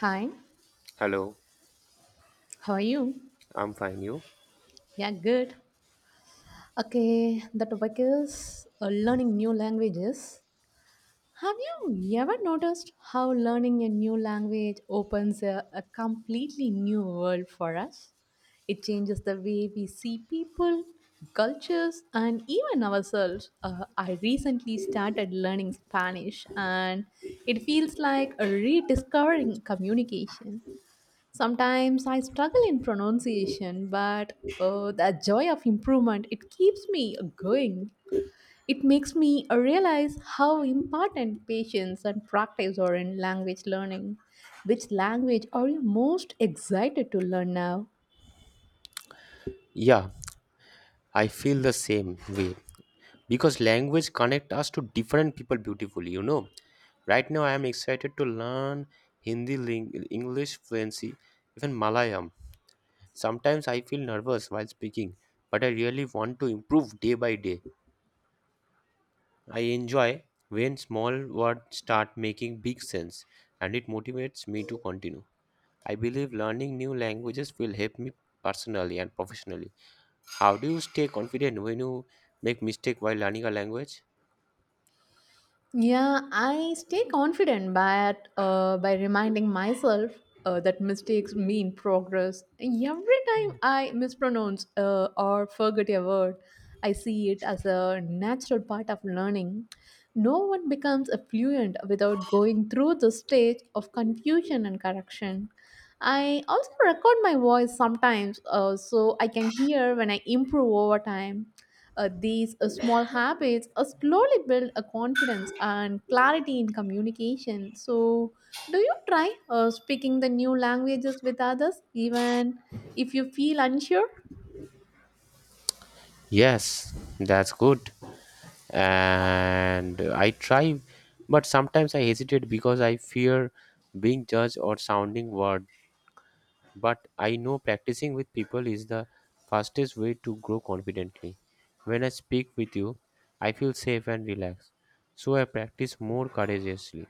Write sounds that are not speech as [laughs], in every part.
Hi, Hello, how are you? I'm fine. You? Yeah, good. Okay, the topic is learning new languages. Have you ever noticed how learning a new language opens a completely new world for us? It changes the way we see people, cultures, and even ourselves. I recently started learning Spanish, and it feels like a rediscovering communication. Sometimes I struggle in pronunciation, but the joy of improvement it keeps me going. It makes me realize how important patience and practice are in language learning. Which language are you most excited to learn now? Yeah, I feel the same way because language connect us to different people beautifully, you know. Right now I am excited to learn Hindi, English fluency, even Malayalam. Sometimes I feel nervous while speaking, but I really want to improve day by day. I enjoy when small words start making big sense and it motivates me to continue. I believe learning new languages will help me personally and professionally. How do you stay confident when you make mistake while learning a language? Yeah, I stay confident by reminding myself that mistakes mean progress. Every time I mispronounce or forget a word, I see it as a natural part of learning. No one becomes a fluent without going through the stage of confusion and correction. I also record my voice sometimes so I can hear when I improve over time. These small habits slowly build a confidence and clarity in communication. So, do you try speaking the new languages with others, even if you feel unsure? Yes, that's good. And I try, but sometimes I hesitate because I fear being judged or sounding word. But I know practicing with people is the fastest way to grow confidently. When I speak with you, I feel safe and relaxed. So I practice more courageously.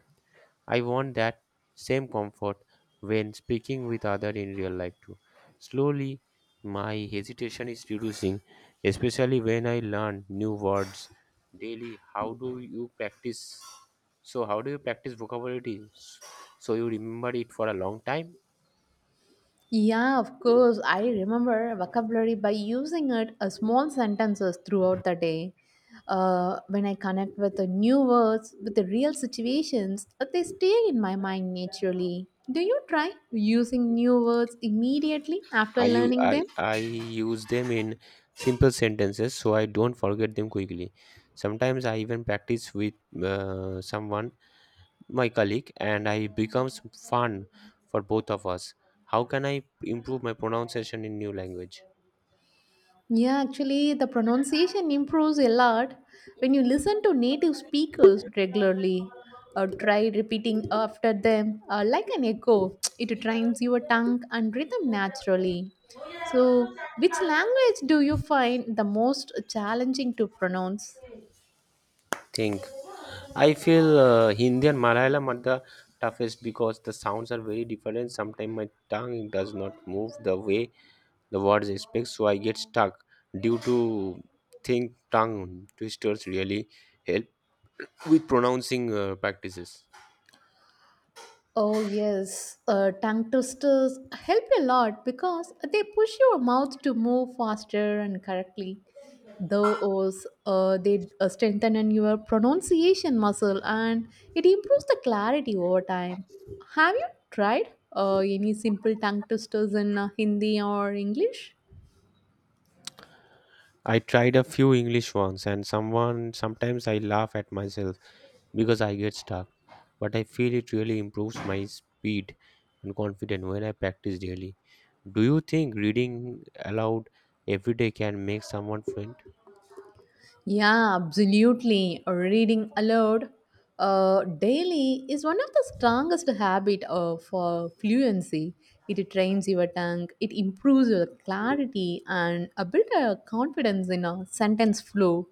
I want that same comfort when speaking with others in real life too. Slowly, my hesitation is reducing, especially when I learn new words daily. How do you practice? So, how do you practice so you remember it for a long time? Yeah, of course. I remember vocabulary by using it as small sentences throughout the day. When I connect with the new words, with the real situations, they stay in my mind naturally. Do you try using new words immediately after I, u- learning I, them? I use them in simple sentences so I don't forget them quickly. Sometimes I even practice with someone my colleague and I becomes fun for both of us. How can I improve my pronunciation in new language? Yeah, actually, the pronunciation improves a lot when you listen to native speakers regularly or try repeating after them like an echo. [tsk] It trains your tongue and rhythm naturally. So, which language do you find the most challenging to pronounce? Think. I feel Hindi and Malayalam are the toughest because the sounds are very different. Sometimes my tongue does not move the way the words expect, so I get stuck due to think tongue twisters really help with pronouncing practices. Oh yes, tongue twisters help a lot because they push your mouth to move faster and correctly. Those they strengthen in your pronunciation muscle and it improves the clarity over time. Have you tried any simple tongue twisters in Hindi or English? I tried a few English ones and someone sometimes I laugh at myself because I get stuck, but I feel it really improves my speed and confidence when I practice daily. Do you think reading aloud every day can make someone fluent? Yeah, absolutely. Reading aloud daily is one of the strongest habit for fluency. It trains your tongue, it improves your clarity, and a bit of confidence in a sentence flow.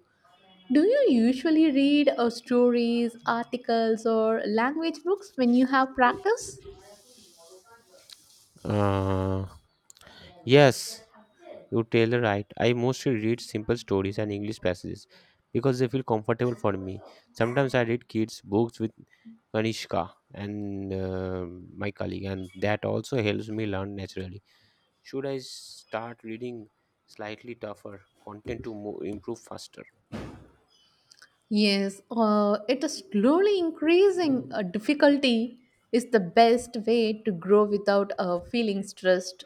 Do you usually read stories, articles, or language books when you have practice? Uh, yes, You tell the right. I mostly read simple stories and English passages because they feel comfortable for me. Sometimes I read kids' books with Kanishka and my colleague, and that also helps me learn naturally. Should I start reading slightly tougher content to improve faster? Yes, it is slowly increasing difficulty is the best way to grow without feeling stressed.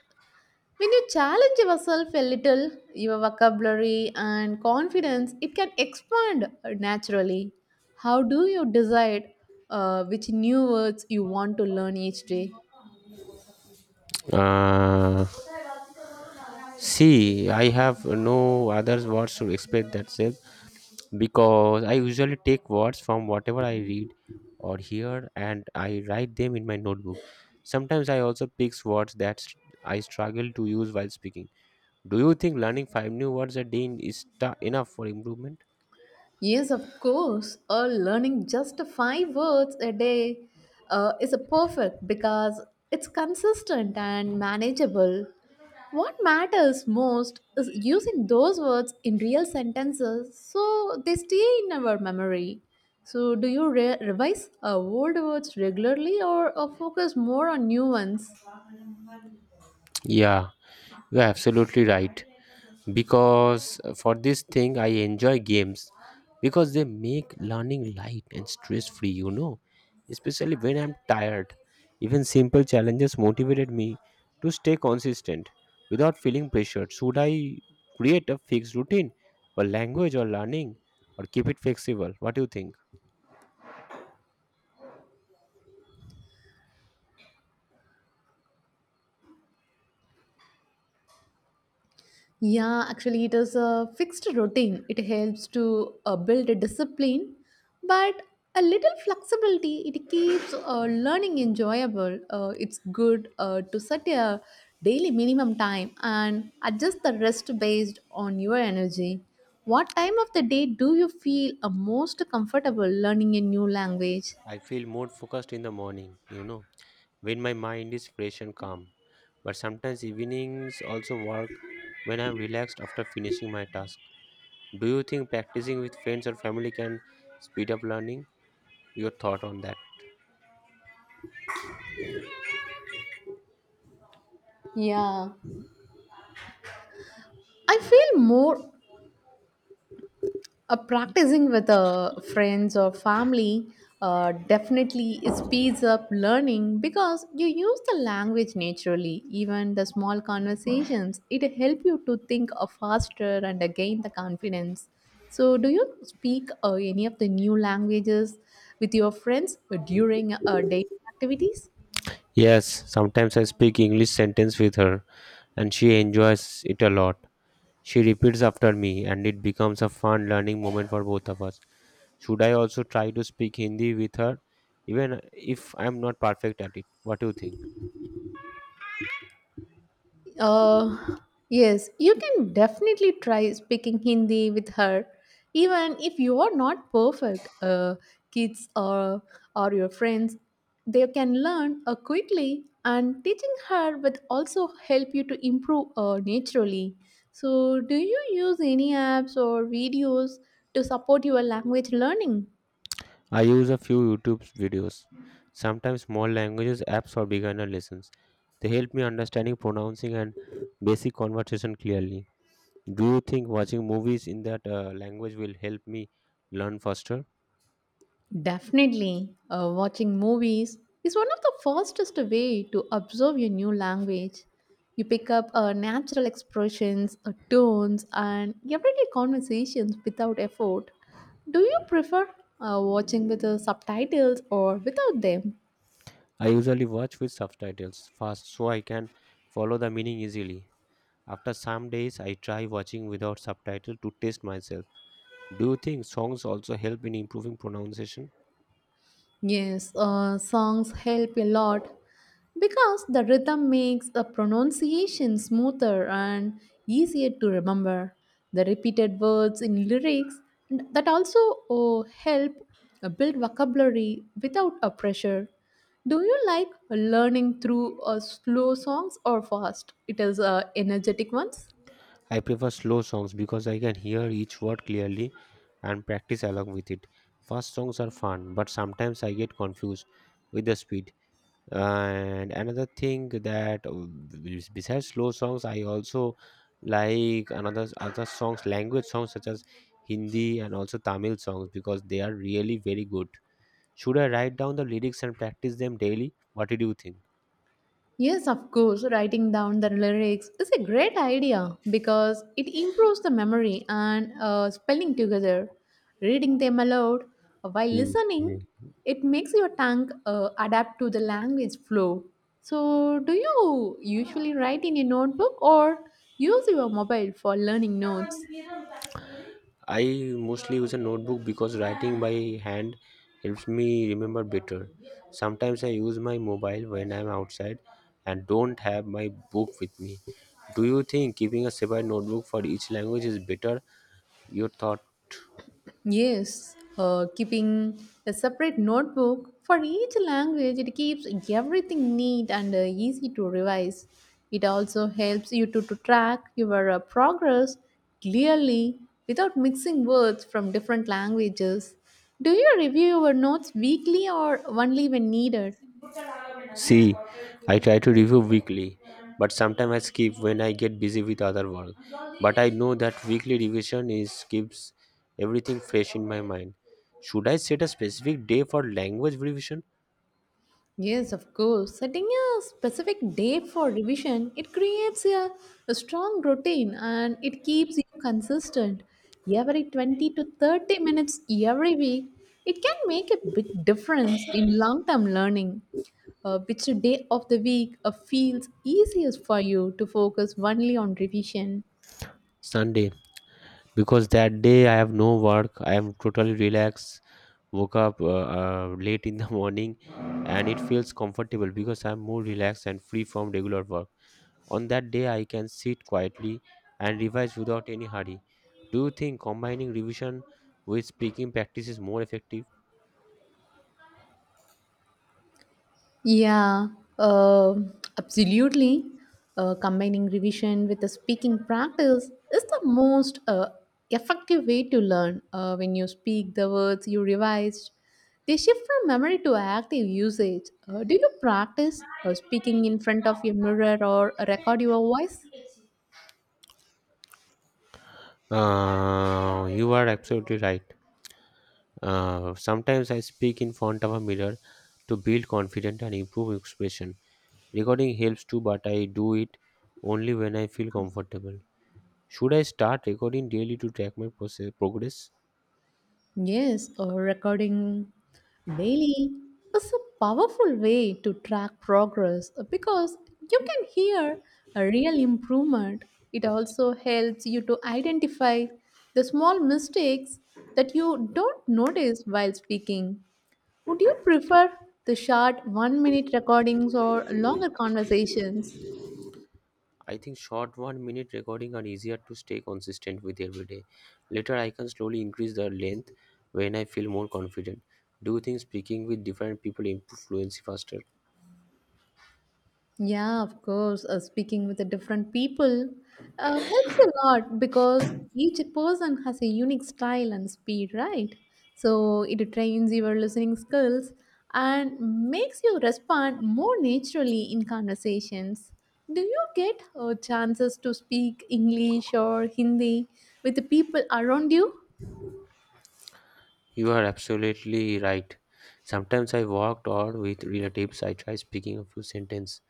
When you challenge yourself a little, your vocabulary and confidence, it can expand naturally. How do you decide which new words you want to learn each day? Uh, see, I have no other words to express that self because I usually take words from whatever I read or hear and I write them in my notebook. Sometimes I also pick words that I struggle to use while speaking. Do you think learning five new words a day is enough for improvement? Yes, of course. Learning just five words a day is a perfect because it's consistent and manageable. What matters most is using those words in real sentences so they stay in our memory. So, do you revise old words regularly or focus more on new ones? Yeah, you're absolutely right. Because for this thing, I enjoy games because they make learning light and stress free, you know, especially when I'm tired. Even simple challenges motivated me to stay consistent without feeling pressured. Should I create a fixed routine for language or learning or keep it flexible? What do you think? Yeah, actually, it is a fixed routine. It helps to build a discipline, but a little flexibility, it keeps learning enjoyable. It's good to set a daily minimum time and adjust the rest based on your energy. What time of the day do you feel most comfortable learning a new language? I feel more focused in the morning, you know, when my mind is fresh and calm. But sometimes evenings also work when I'm relaxed after finishing my task. Do you think practicing with friends or family can speed up learning? Your thought on that? Yeah, I feel more. Practicing with friends or family definitely speeds up learning because you use the language naturally. Even the small conversations, it help you to think faster and gain the confidence. So, do you speak any of the new languages with your friends during daily activities? Yes, sometimes I speak English sentence with her and she enjoys it a lot. She repeats after me and it becomes a fun learning moment for both of us. Should I also try to speak Hindi with her even if I am not perfect at it? What do you think? Uh, yes, you can definitely try speaking Hindi with her, even if you are not perfect. Kids or your friends, they can learn quickly, and teaching her will also help you to improve naturally. So, do you use any apps or videos to support your language learning? I use a few YouTube videos, sometimes small languages apps for beginner lessons. They help me understanding pronouncing and basic conversation clearly. Do you think watching movies in that language will help me learn faster? Definitely, watching movies is one of the fastest way to absorb your new language. You pick up natural expressions, tones, and everyday conversations without effort. Do you prefer watching with the subtitles or without them? I usually watch with subtitles fast so I can follow the meaning easily. After some days, I try watching without subtitle to test myself. Do you think songs also help in improving pronunciation? Yes, songs help a lot because the rhythm makes the pronunciation smoother and easier to remember. The repeated words in lyrics that also help build vocabulary without a pressure. Do you like learning through slow songs or fast? It is energetic ones. I prefer slow songs because I can hear each word clearly and practice along with it. Fast songs are fun, but sometimes I get confused with the speed. And another thing that besides slow songs, I also like another other songs, language songs such as Hindi and also Tamil songs because they are really very good. Should I write down the lyrics and practice them daily? What did you think? Yes, of course, writing down the lyrics is a great idea because it improves the memory and spelling together. Reading them aloud while listening, Hmm. it makes your tongue adapt to the language flow. So, do you usually write in a notebook or use your mobile for learning notes? I mostly use a notebook because writing by hand helps me remember better. Sometimes I use my mobile when I'm outside and don't have my book with me. Do you think keeping a separate notebook for each language is better? Your thought. Yes, keeping a separate notebook for each language, it keeps everything neat and easy to revise. It also helps you to track your progress clearly without mixing words from different languages. Do you review your notes weekly or only when needed? See, I try to review weekly, but sometimes I skip when I get busy with other work. But I know that weekly revision is keeps everything fresh in my mind. Should I set a specific day for language revision? Yes, of course. Setting a specific day for revision, it creates a strong routine and it keeps you consistent. Every 20 to 30 minutes every week, it can make a big difference in long-term learning. Which day of the week feels easiest for you to focus only on revision? Sunday, because that day I have no work. I am totally relaxed. Woke up late in the [laughs] morning, and it feels comfortable because I'm more relaxed and free from regular work. On that day, I can sit quietly and revise without any hurry. Do you think combining revision with speaking practice is more effective? Yeah, absolutely. Combining revision with the speaking practice is the most effective way to learn. When you speak the words you revised, they shift from memory to active usage. Do you practice speaking in front of your mirror or record your voice? You are absolutely right. Sometimes I speak in front of a mirror to build confidence and improve expression. Recording helps too, but I do it only when I feel comfortable. Should I start recording daily to track my process, progress? Yes, recording daily is a powerful way to track progress because you can hear a real improvement. It also helps you to identify the small mistakes that you don't notice while speaking. Would you prefer the short 1-minute recordings or longer conversations? I think short 1-minute recording are easier to stay consistent with every day. Later, I can slowly increase the length when I feel more confident. Do you think speaking with different people improve fluency faster? Yeah, of course. Speaking with the different people helps a lot because each person has a unique style and speed, right? So it trains your listening skills and makes you respond more naturally in conversations. Do you get chances to speak English or Hindi with the people around you? You are absolutely right. Sometimes I walked or with relatives, I try speaking a few sentences,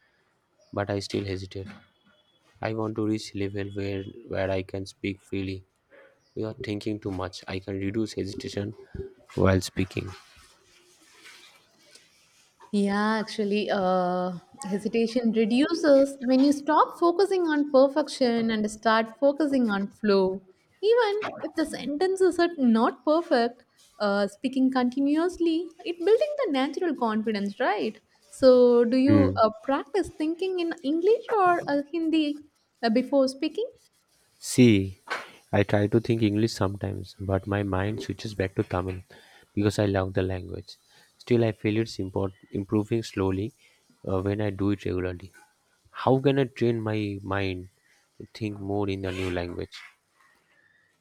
but I still hesitate. I want to reach level where I can speak freely. Without thinking too much, I can reduce hesitation while speaking. Yeah, actually, hesitation reduces when you stop focusing on perfection and start focusing on flow. Even if the sentences are not perfect, speaking continuously, it building the natural confidence, right? So, do you Hmm. Practice thinking in English or Hindi before speaking? See, I try to think English sometimes, but my mind switches back to Tamil because I love the language. Still, I feel it's improving slowly when I do it regularly. How can I train my mind to think more in a new language?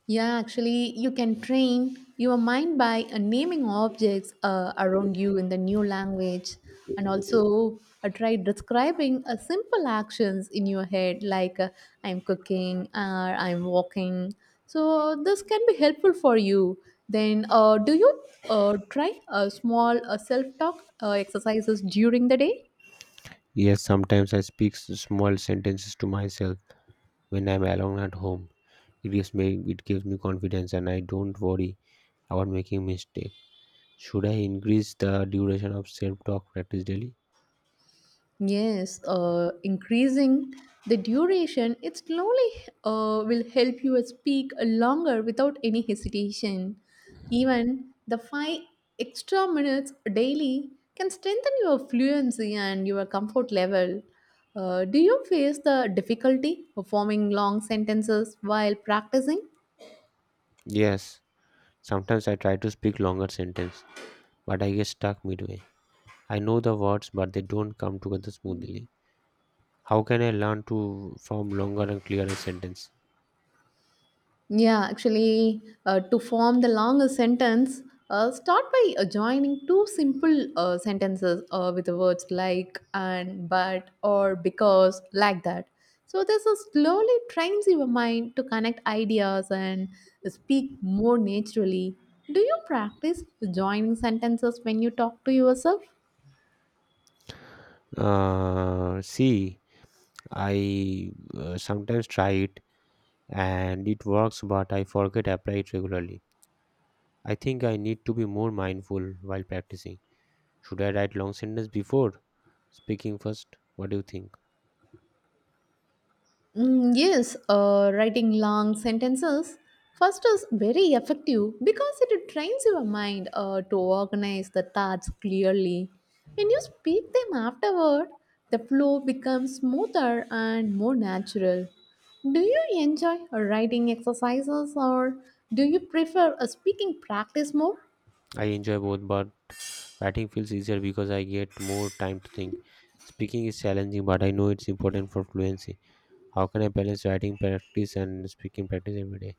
Yeah, actually, you can train your mind by naming objects around you in the new language and also try describing simple actions in your head like I'm cooking or I'm walking. So, this can be helpful for you. Then, do you try small self talk exercises during the day? Yes, sometimes I speak small sentences to myself when I'm alone at home. It gives me confidence and I don't worry about making mistake. Should I increase the duration of self-talk practice daily? Yes, increasing the duration, it slowly will help you speak longer without any hesitation. Even the 5 extra minutes daily can strengthen your fluency and your comfort level. Do you face the difficulty of forming long sentences while practicing? Yes. Sometimes I try to speak longer sentence, but I get stuck midway. I know the words but they don't come together smoothly. How can I learn to form longer and clearer sentence? Yeah, actually, to form the longer sentence, start by joining two simple sentences with the words like and but or because, like that. So this is slowly trains your mind to connect ideas and speak more naturally. Do you practice joining sentences when you talk to yourself? See. I sometimes try it and it works, but I forget apply it regularly. I think I need to be more mindful while practicing. Should I write long sentence before speaking first? What do you think? Yes, writing long sentences first is very effective because it trains your mind to organize the thoughts clearly. When you speak them afterward, the flow becomes smoother and more natural. Do you enjoy writing exercises or do you prefer a speaking practice more? I enjoy both, but writing feels easier because I get more time to think. Speaking is challenging, but I know it's important for fluency. How can I balance writing practice and speaking practice every day?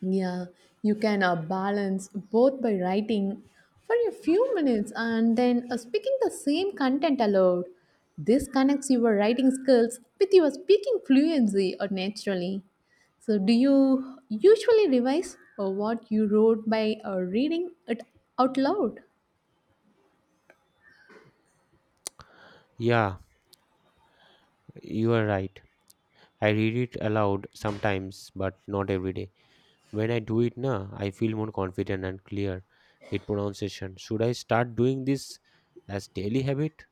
Yeah, you can balance both by writing for a few minutes and then speaking the same content aloud. This connects your writing skills with your speaking fluency or naturally. So, do you usually revise what you wrote by reading it out loud? Yeah, you are right. I read it aloud sometimes, but not every day. When I do it now, I feel more confident and clear with pronunciation. Should I start doing this as daily habit?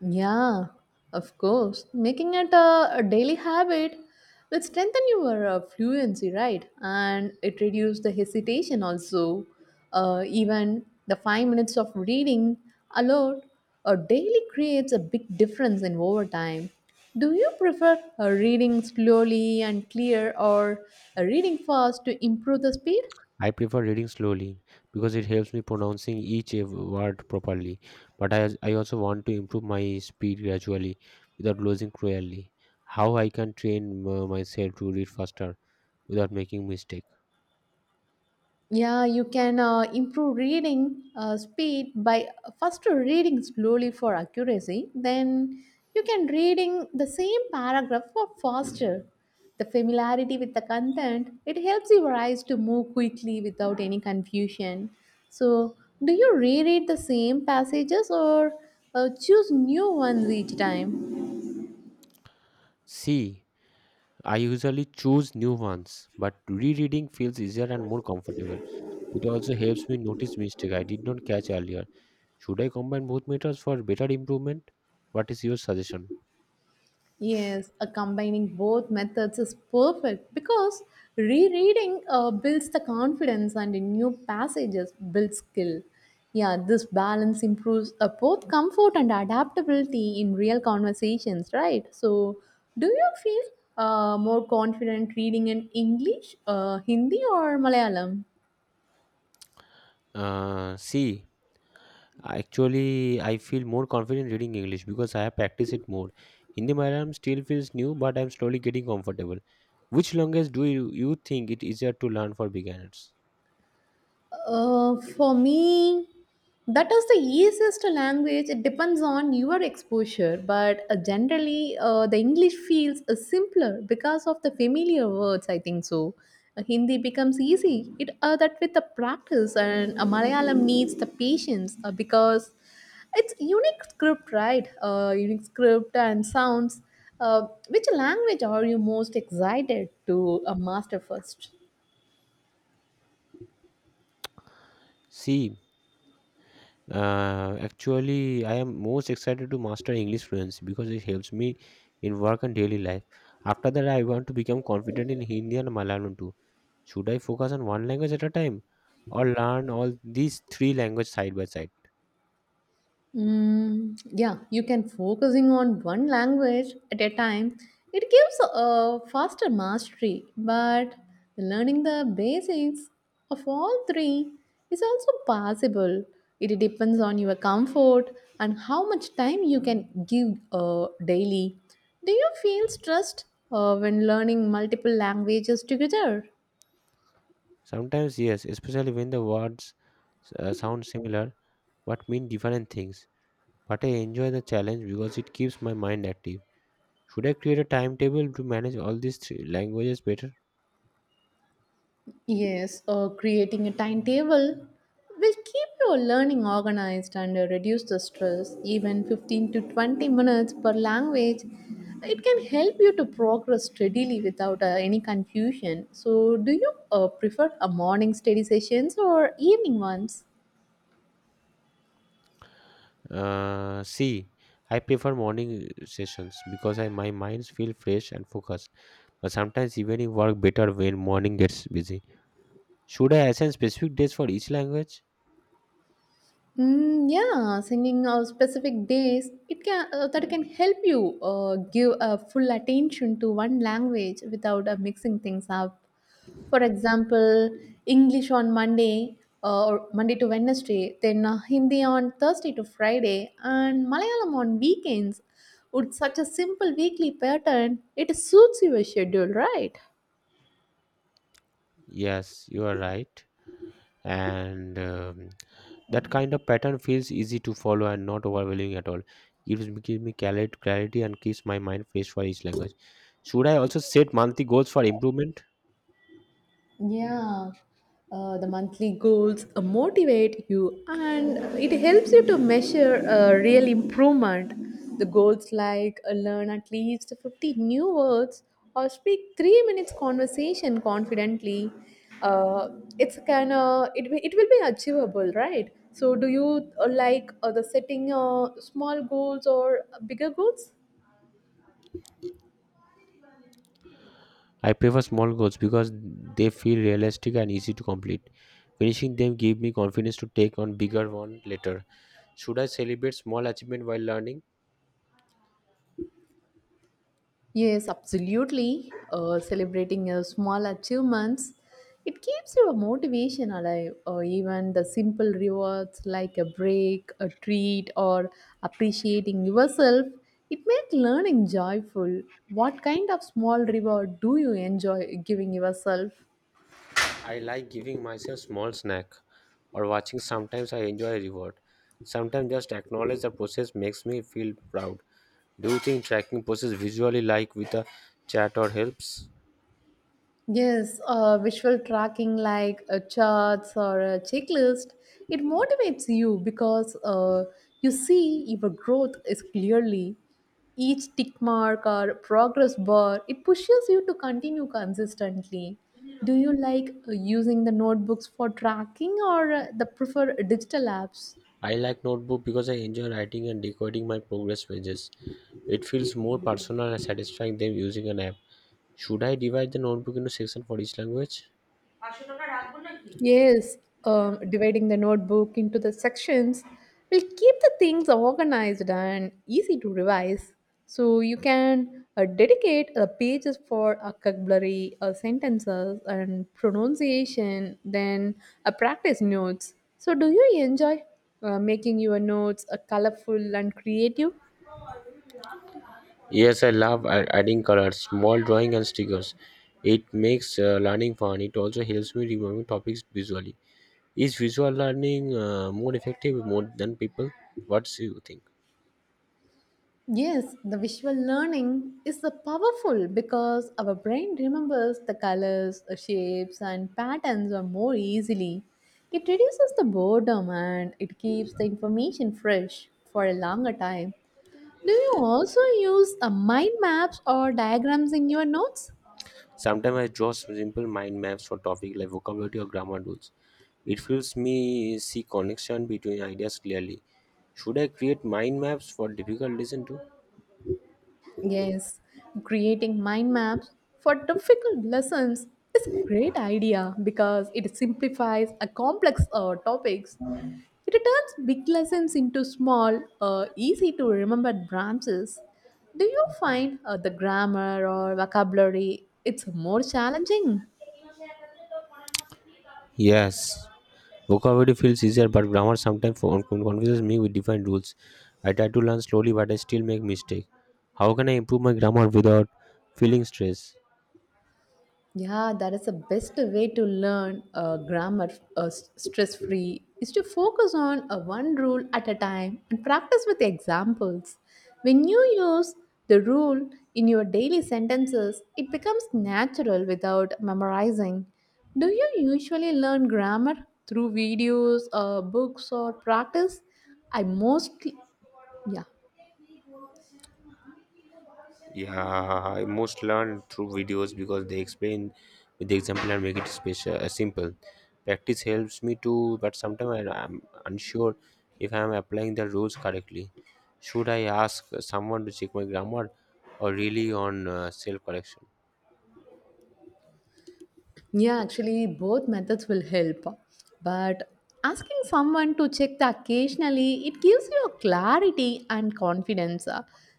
Yeah, of course. Making it a daily habit will strengthen your fluency, right? And it reduces the hesitation also. Even the 5 minutes of reading aloud daily creates a big difference in overtime. Do you prefer reading slowly and clear or reading fast to improve the speed? I prefer reading slowly because it helps me pronouncing each word properly. But I also want to improve my speed gradually without losing cruelly. How I can train myself to read faster without making mistake? Yeah, you can improve reading speed by first reading slowly for accuracy. Then you can reading the same paragraph for faster. The familiarity with the content it helps your eyes to move quickly without any confusion. So, do you reread the same passages or choose new ones each time? C I usually choose new ones, but rereading feels easier and more comfortable. It also helps me notice mistakes I did not catch earlier. Should I combine both methods for better improvement? What is your suggestion? Yes, combining both methods is perfect because rereading builds the confidence and in new passages build skill. Yeah, this balance improves both comfort and adaptability in real conversations, right? So, do you feel more confident reading in English, Hindi, or Malayalam? Uh, see, actually, I feel more confident reading English because I have practiced it more. Hindi Malayalam still feels new, but I'm slowly getting comfortable. Which language do you think it easier to learn for beginners? For me, that is the easiest language. It depends on your exposure, but generally, the English feels simpler because of the familiar words. I think so. Hindi becomes easy. It that with the practice, and Malayalam needs the patience because it's unique script, right? Unique script and sounds. Which language are you most excited to master first? See, actually, I am most excited to master English fluency because it helps me in work and daily life. After that, I want to become confident in Hindi and Malayalam too. Should I focus on one language at a time or learn all these three languages side by side? Yeah, you can focusing on one language at a time. It gives a faster mastery, but learning the basics of all three is also possible. It depends on your comfort and how much time you can give daily. Do you feel stressed when learning multiple languages together? Sometimes, yes, especially when the words sound similar but mean different things. But I enjoy the challenge because it keeps my mind active. Should I create a timetable to manage all these three languages better? Yes, or creating a timetable will keep your learning organized and reduce the stress. Even 15 to 20 minutes per language, it can help you to progress steadily without any confusion. So, do you prefer a morning study sessions or evening ones? Uh, see, I prefer morning sessions because I, my minds feel fresh and focused. But sometimes evening work better when morning gets busy. Should I assign specific days for each language? Yeah, singing on specific days it can that can help you give a full attention to one language without mixing things up. For example, English on Monday or Monday to Wednesday, then Hindi on Thursday to Friday, and Malayalam on weekends. With such a simple weekly pattern, it suits your schedule, right? Yes, you are right. And that kind of pattern feels easy to follow and not overwhelming at all. Gives me clarity and keeps my mind fresh for each language. Should I also set monthly goals for improvement? Yeah, the monthly goals motivate you and it helps you to measure real improvement. The goals like learn at least 50 new words or speak 3 minutes conversation confidently. Uh, it's kind of it will be achievable, right? So, do you like the setting small goals or bigger goals? I prefer small goals because they feel realistic and easy to complete. Finishing them give me confidence to take on bigger one later. Should I celebrate small achievement while learning? Yes, absolutely. Celebrating your small achievements, it keeps your motivation alive. Or even the simple rewards like a break, a treat, or appreciating yourself, it makes learning joyful. What kind of small reward do you enjoy giving yourself? I like giving myself small snack or watching sometimes I enjoy a reward. Sometimes just acknowledge the process makes me feel proud. Do you think tracking process visually like with a chart or helps? Yes, visual tracking like charts or a checklist, it motivates you because you see your growth is clearly. Each tick mark or progress bar, it pushes you to continue consistently. Do you like using the notebooks for tracking or the prefer digital apps? I like notebook because I enjoy writing and decoding my progress pages. It feels more personal and satisfying than using an app. Should I divide the notebook into sections for each language? Yes, dividing the notebook into the sections will keep the things organized and easy to revise. So you can dedicate pages for vocabulary, sentences, and pronunciation, then practice notes. So, do you enjoy making your notes colorful and creative? Yes, I love adding colors, small drawing, and stickers. It makes learning fun. It also helps me remember topics visually. Is visual learning more effective more than people? What do you think? Yes, the visual learning is the powerful because our brain remembers the colors, the shapes, and patterns are more easily. It reduces the boredom and it keeps the information fresh for a longer time. Do you also use mind maps or diagrams in your notes? Sometimes I draw simple mind maps for topic like vocabulary or grammar rules. It helps me see connection between ideas clearly. Should I create mind maps for difficult lesson too? Yes, creating mind maps for difficult lessons is a great idea because it simplifies a complex topics. It turns big lessons into small, easy to remember branches. Do you find the grammar or vocabulary it's more challenging? Yes, vocabulary feels easier, but grammar sometimes confuses me with different rules. I try to learn slowly, but I still make mistakes. How can I improve my grammar without feeling stress? Yeah, that is the best way to learn grammar stress free is to focus on one rule at a time and practice with examples. When you use the rule in your daily sentences, it becomes natural without memorizing. Do you usually learn grammar through videos, books, or practice? I mostly, yeah. Yeah, I most learn through videos because they explain with the example and make it special, simple. Practice helps me too, but sometimes I am unsure if I am applying the rules correctly. Should I ask someone to check my grammar or really on self correction? Yeah, actually, both methods will help. But asking someone to check the occasionally, it gives you a clarity and confidence.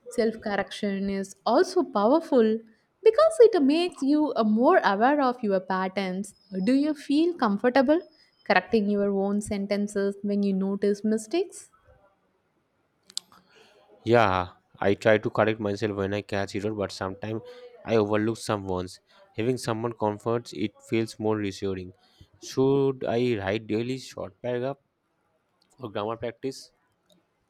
Self correction is also powerful because it makes you more aware of your patterns. Do you feel comfortable correcting your own sentences when you notice mistakes? Yeah, I try to correct myself when I catch error, but sometimes I overlook some ones. Having someone comforts it feels more reassuring. Should I write daily short paragraph for grammar practice?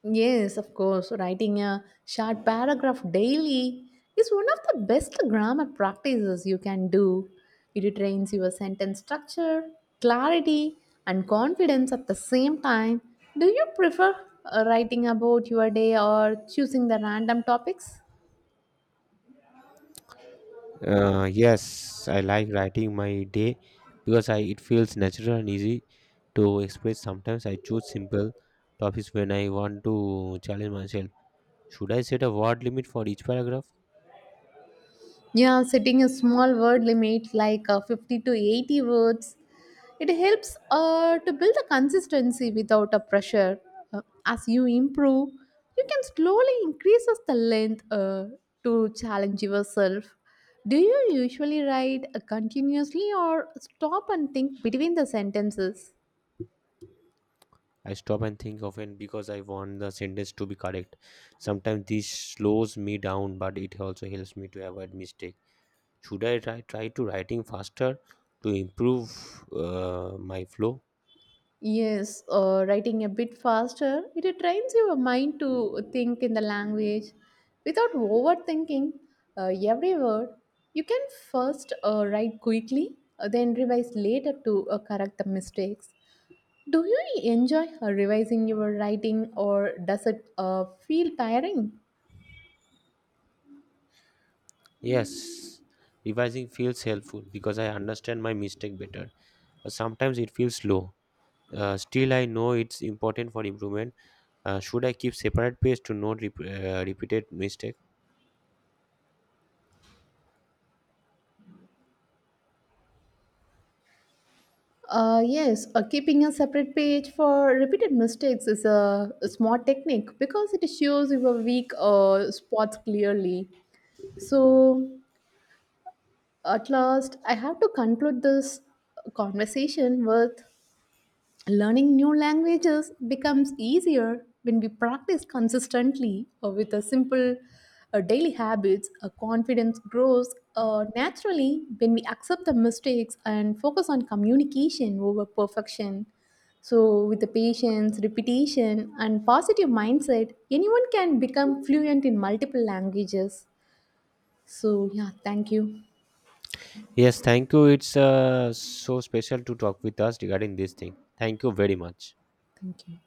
Yes, of course. Writing a short paragraph daily is one of the best grammar practices you can do. It trains your sentence structure, clarity, and confidence at the same time. Do you prefer writing about your day or choosing the random topics? Yes, I like writing my day because I it feels natural and easy to express. Sometimes I choose simple topics when I want to challenge myself. Should I set a word limit for each paragraph? Yeah, setting a small word limit like 50 to 80 words, it helps to build a consistency without a pressure. As you improve, you can slowly increase as the length to challenge yourself. Do you usually write continuously or stop and think between the sentences? I stop and think often because I want the sentence to be correct. Sometimes this slows me down, but it also helps me to avoid mistake. Should I try to writing faster to improve my flow? Yes, writing a bit faster, it trains your mind to think in the language without overthinking every word. You can first write quickly, then revise later to correct the mistakes. Do you enjoy revising your writing or does it feel tiring? Yes, revising feels helpful because I understand my mistake better. But sometimes it feels slow. Still, I know it's important for improvement. Should I keep separate page to not repeated mistake? Yes, keeping a separate page for repeated mistakes is a smart technique because it shows your weak spots clearly. So, at last, I have to conclude this conversation with learning new languages becomes easier when we practice consistently or with a simple daily habits. Confidence grows naturally when we accept the mistakes and focus on communication over perfection. So, with the patience, repetition, and positive mindset, anyone can become fluent in multiple languages. So, yeah, thank you. Yes, thank you. It's so special to talk with us regarding this thing. Thank you very much. Thank you.